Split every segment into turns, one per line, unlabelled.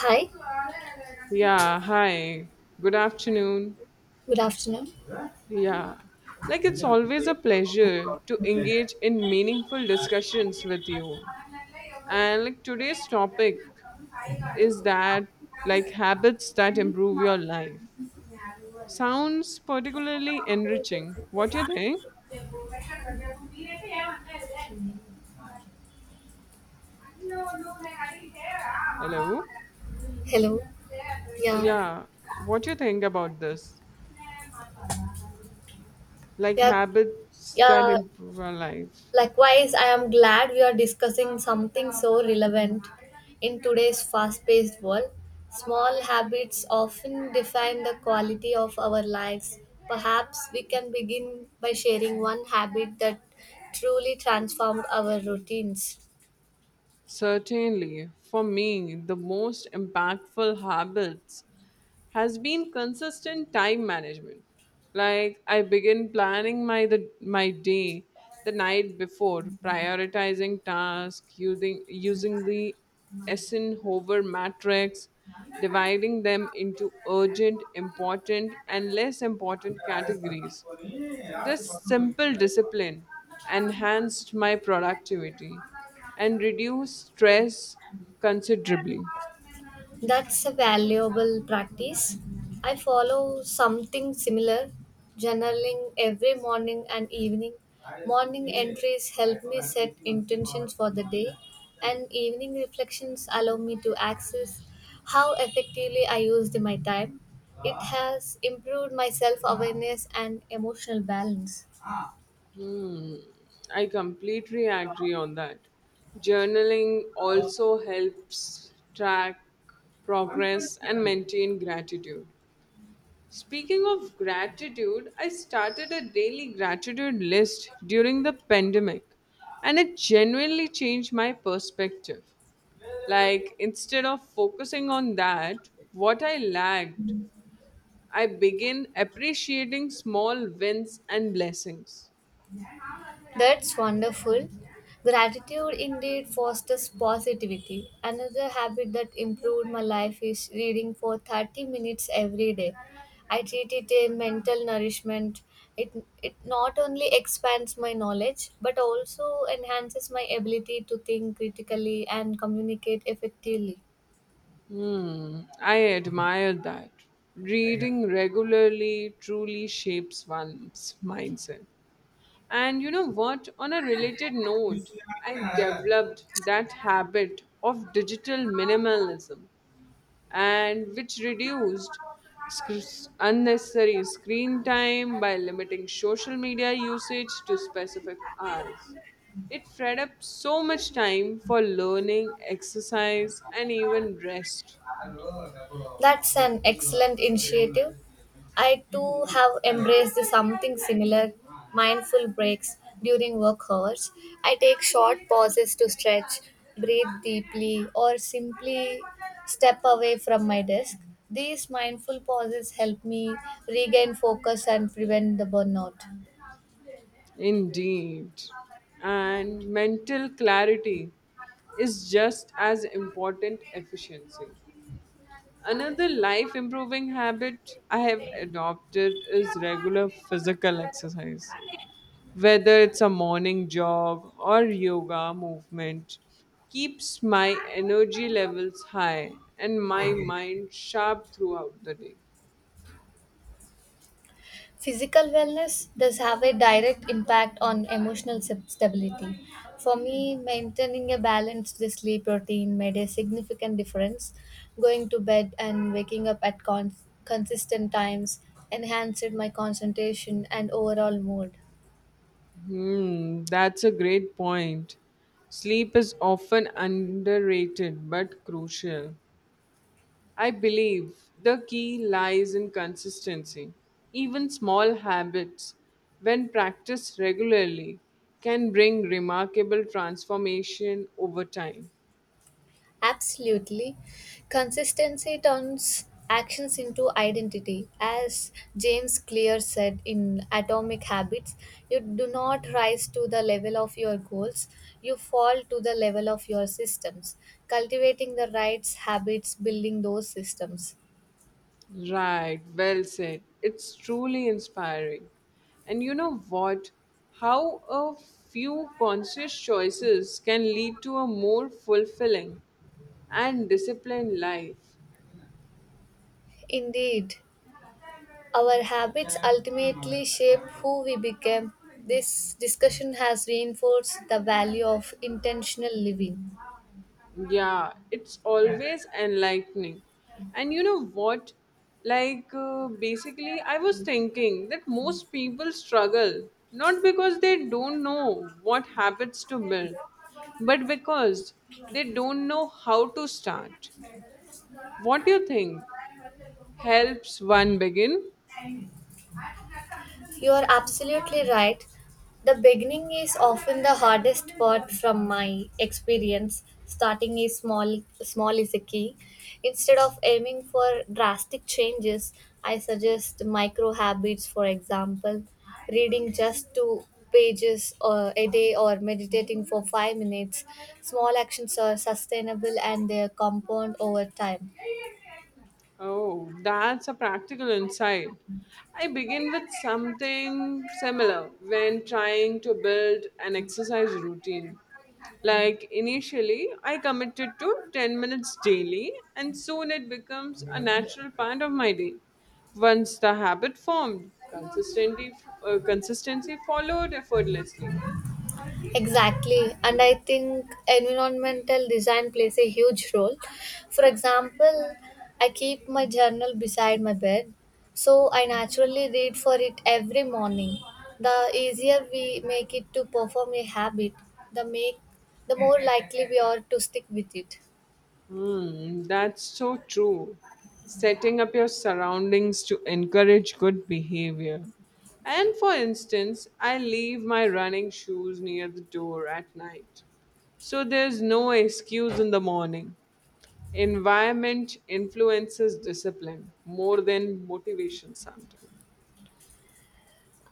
Hi,
Yeah, hi. Good afternoon.
good afternoon.
Yeah. Like it's always a pleasure to engage in meaningful discussions with you. And like today's topic is that like habits that improve your life. Sounds particularly enriching. What do you think? Hello?
Hello. Yeah.
Yeah. What do you think about this? Like
Yeah.
habits that
Yeah.
improve our life.
Likewise, I am glad we are discussing something so relevant in today's fast paced world. Small habits often define the quality of our lives. Perhaps we can begin by sharing one habit that truly transformed our routines.
Certainly, for me, the most impactful habits has been consistent time management. Like I begin planning my day the night before, prioritizing tasks using the Eisenhower matrix, dividing them into urgent, important, and less important categories. This simple discipline enhanced my productivity and reduced stress considerably.
That's a valuable practice. I follow something similar, journaling every morning and evening. Morning entries help me set intentions for the day, and evening reflections allow me to access how effectively I used my time. It has improved my self awareness and emotional balance.
Hmm, I completely agree on that. Journaling also helps track progress and maintain gratitude. Speaking of gratitude, I started a daily gratitude list during the pandemic and it genuinely changed my perspective. Like, instead of focusing on that, what I lacked, I began appreciating small wins and blessings.
That's wonderful. Gratitude indeed fosters positivity. Another habit that improved my life is reading for 30 minutes every day. I treat it a mental nourishment. It, it not only expands my knowledge but also enhances my ability to think critically and communicate effectively.
Hmm, I admire that. Reading regularly truly shapes one's mindset. And you know what? On a related note, I developed that habit of digital minimalism, and which reduced unnecessary screen time by limiting social media usage to specific hours. It freed up so much time for learning, exercise, and even rest.
That's an excellent initiative. I too have embraced something similar mindful breaks during work hours. I take short pauses to stretch, breathe deeply, or simply step away from my desk. These mindful pauses help me regain focus and prevent the burnout.
Indeed. And mental clarity is just as important efficiency. Another life improving habit I have adopted is regular physical exercise, whether it's a morning jog or yoga movement, keeps my energy levels high and my mind sharp throughout the day.
Physical wellness does have a direct impact on emotional stability. For me, maintaining a balanced sleep routine made a significant difference. Going to bed and waking up at consistent times enhanced my concentration and overall mood.
Hmm, that's a great point. Sleep is often underrated but crucial. I believe the key lies in consistency. Even small habits, when practiced regularly, can bring remarkable transformation over time.
Absolutely. Consistency turns actions into identity. As James Clear said in Atomic Habits, you do not rise to the level of your goals, you fall to the level of your systems. Cultivating the right habits, building those systems.
Right, well said. It's truly inspiring. And you know what? How a few conscious choices can lead to a more fulfilling and disciplined life.
Indeed, our habits ultimately shape who we become. This discussion has reinforced the value of intentional living.
Yeah, it's always enlightening. And you know what? Like, basically, I was thinking that most people struggle not because they don't know what habits to build, but because they don't know how to start. What do you think helps one begin?
You are absolutely right. The beginning is often the hardest part from my experience. Starting is small small is a key. Instead of aiming for drastic changes, I suggest micro habits, for example, reading just two pages a day or meditating for 5 minutes. Small actions are sustainable and they compound over time.
Oh, that's a practical insight. I begin with something similar when trying to build an exercise routine. Like initially, I committed to 10 minutes daily, and soon it becomes a natural part of my day. Once the habit formed, consistency followed effortlessly.
Exactly, and I think environmental design plays a huge role. For example, I keep my journal beside my bed, so I naturally read for it every morning. The easier we make it to perform a habit, the make the more likely we are to stick with it.
Hmm, that's so true. Setting up your surroundings to encourage good behavior. And for instance, I leave my running shoes near the door at night. So there's no excuse in the morning. Environment influences discipline more than motivation sometimes.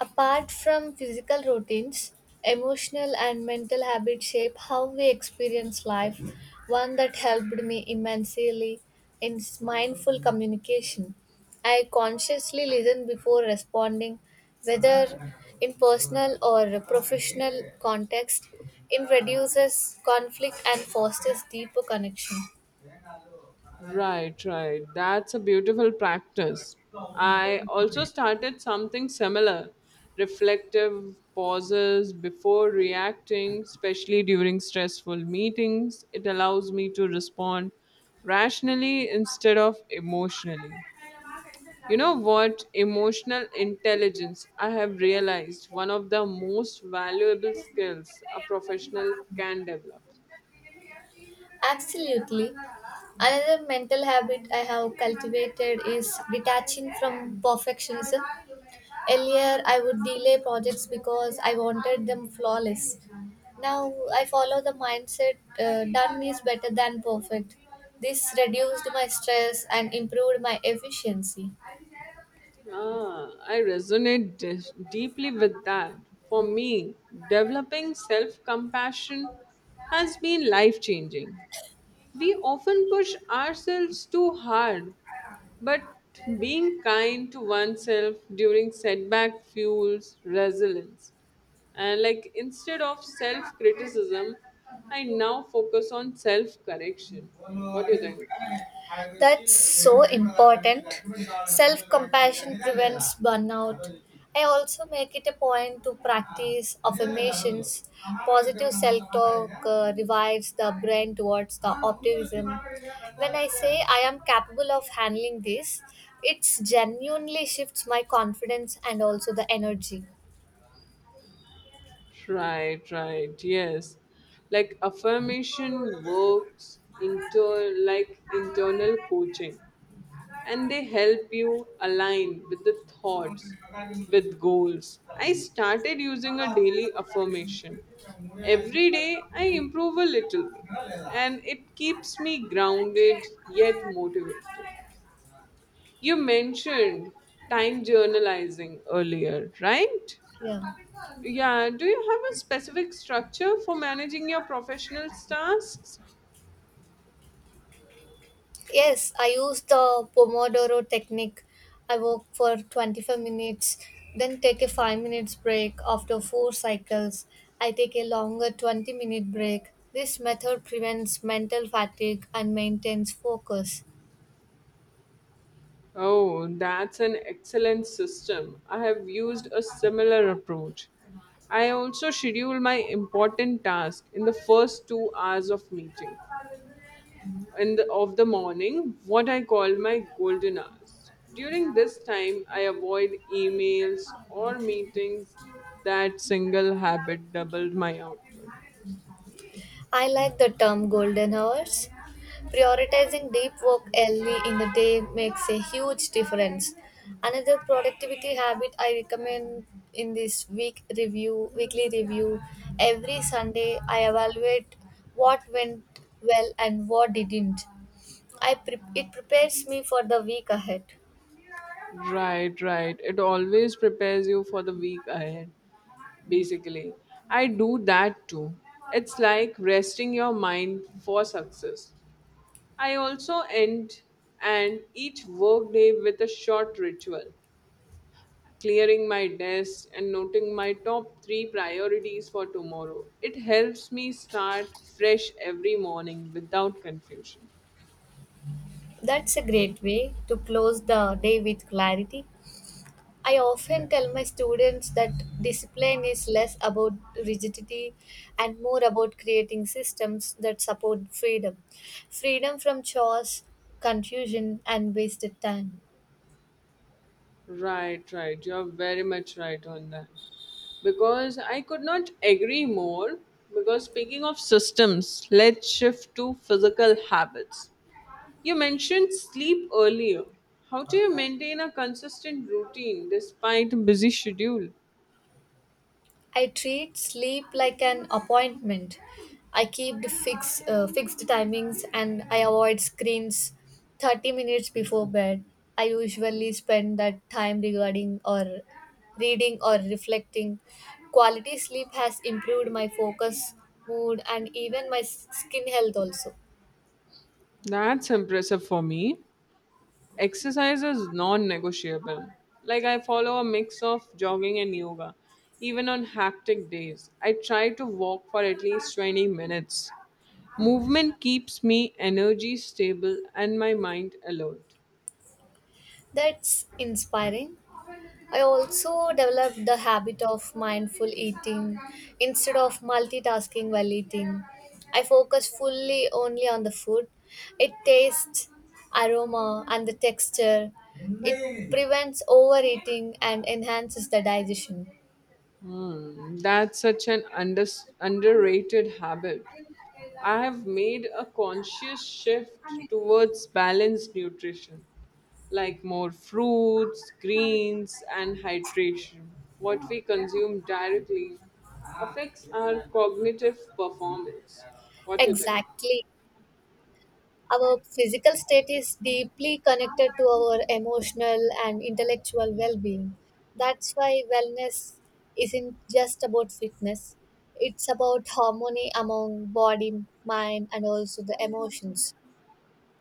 Apart from physical routines, emotional and mental habits shape how we experience life. One that helped me immensely is mindful communication. I consciously listen before responding, whether in personal or professional context. It reduces conflict and fosters deeper connection.
Right, right. That's a beautiful practice. I also started something similar, reflective pauses before reacting, especially during stressful meetings. It allows me to respond rationally instead of emotionally. You know what? Emotional intelligence, I have realized one of the most valuable skills a professional can develop.
Absolutely. Another mental habit I have cultivated is detaching from perfectionism. Earlier, I would delay projects because I wanted them flawless. Now, I follow the mindset done is better than perfect. This reduced my stress and improved my efficiency.
Ah, I resonate deeply with that. For me, developing self compassion has been life changing. We often push ourselves too hard, but being kind to oneself during setback fuels resilience. And like instead of self criticism, I now focus on self correction. What do you think?
That's so important. Self compassion prevents burnout. I also make it a point to practice affirmations. Positive self talk revives the brain towards the optimism. When I say I am capable of handling this, it genuinely shifts my confidence and also the energy.
Right, right, yes. Like affirmation works into like internal coaching and they help you align with the thoughts, with goals. I started using a daily affirmation. Every day I improve a little and it keeps me grounded yet motivated. You mentioned time journalizing earlier, right?
Yeah.
Yeah, do you have a specific structure for managing your professional tasks?
Yes, I use the Pomodoro technique. I work for 25 minutes, then take a 5 minutes break after 4 cycles. I take a longer 20-minute break. This method prevents mental fatigue and maintains focus.
Oh, that's an excellent system. I have used a similar approach. I also schedule my important task in the first 2 hours of meeting of the morning, what I call my golden hours. During this time, I avoid emails or meetings. That single habit doubled my output.
I like the term golden hours. Prioritizing deep work early in the day makes a huge difference. Another productivity habit I recommend in this week review, weekly review, every Sunday I evaluate what went well and what didn't. It prepares me for the week ahead.
Right, right. It always prepares you for the week ahead, basically. I do that too. It's like resting your mind for success. I also end and each workday with a short ritual, clearing my desk and noting my top three priorities for tomorrow. It helps me start fresh every morning without confusion.
That's a great way to close the day with clarity. I often tell my students that discipline is less about rigidity and more about creating systems that support freedom freedom from chores, confusion, and wasted time.
Right, right. You're very much right on that. Because I could not agree more. Because speaking of systems, let's shift to physical habits. You mentioned sleep earlier. How do you maintain a consistent routine despite a busy schedule?
I treat sleep like an appointment. I keep the fixed timings and I avoid screens 30 minutes before bed. I usually spend that time regarding or reading or reflecting. Quality sleep has improved my focus, mood, and even my skin health also.
That's impressive. For me, exercise is non negotiable. Like, I follow a mix of jogging and yoga. Even on hectic days, I try to walk for at least 20 minutes. Movement keeps me energy stable and my mind alert.
That's inspiring. I also developed the habit of mindful eating instead of multitasking while eating. I focus fully only on the food, its taste, aroma, and the texture. It prevents overeating and enhances the digestion.
Hmm, that's such an underrated habit. I have made a conscious shift towards balanced nutrition, like more fruits, greens, and hydration. What we consume directly affects our cognitive performance. What do you think?
Exactly. Our physical state is deeply connected to our emotional and intellectual well being. That's why wellness isn't just about fitness, it's about harmony among body, mind, and also the emotions.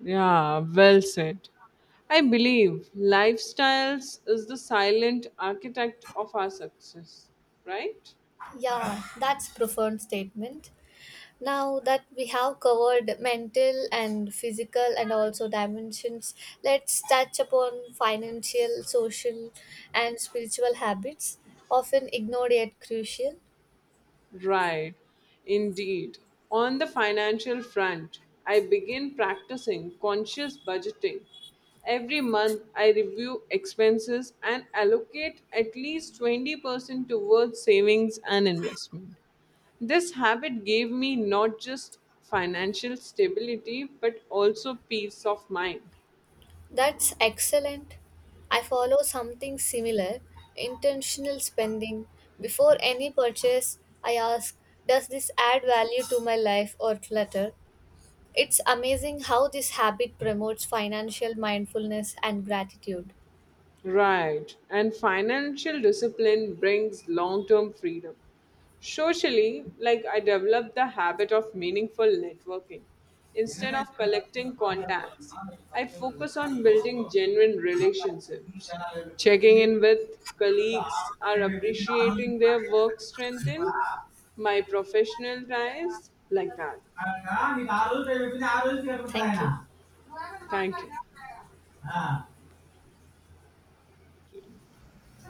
Yeah, well said. I believe lifestyles is the silent architect of our success, right?
Yeah, that's profound statement. Now that we have covered mental and physical and also dimensions, let's touch upon financial, social, and spiritual habits often ignored yet crucial.
Right, indeed. On the financial front, I begin practicing conscious budgeting. Every month, I review expenses and allocate at least 20% towards savings and investment. This habit gave me not just financial stability but also peace of mind.
That's excellent. I follow something similar, intentional spending. Before any purchase, I ask, does this add value to my life or clutter? It's amazing how this habit promotes financial mindfulness and gratitude.
Right. And financial discipline brings long term freedom. Socially, like I developed the habit of meaningful networking. Instead of collecting contacts, I focus on building genuine relationships, checking in with colleagues, are appreciating their work strengthen my professional ties like that.
Thank you.
Thank you.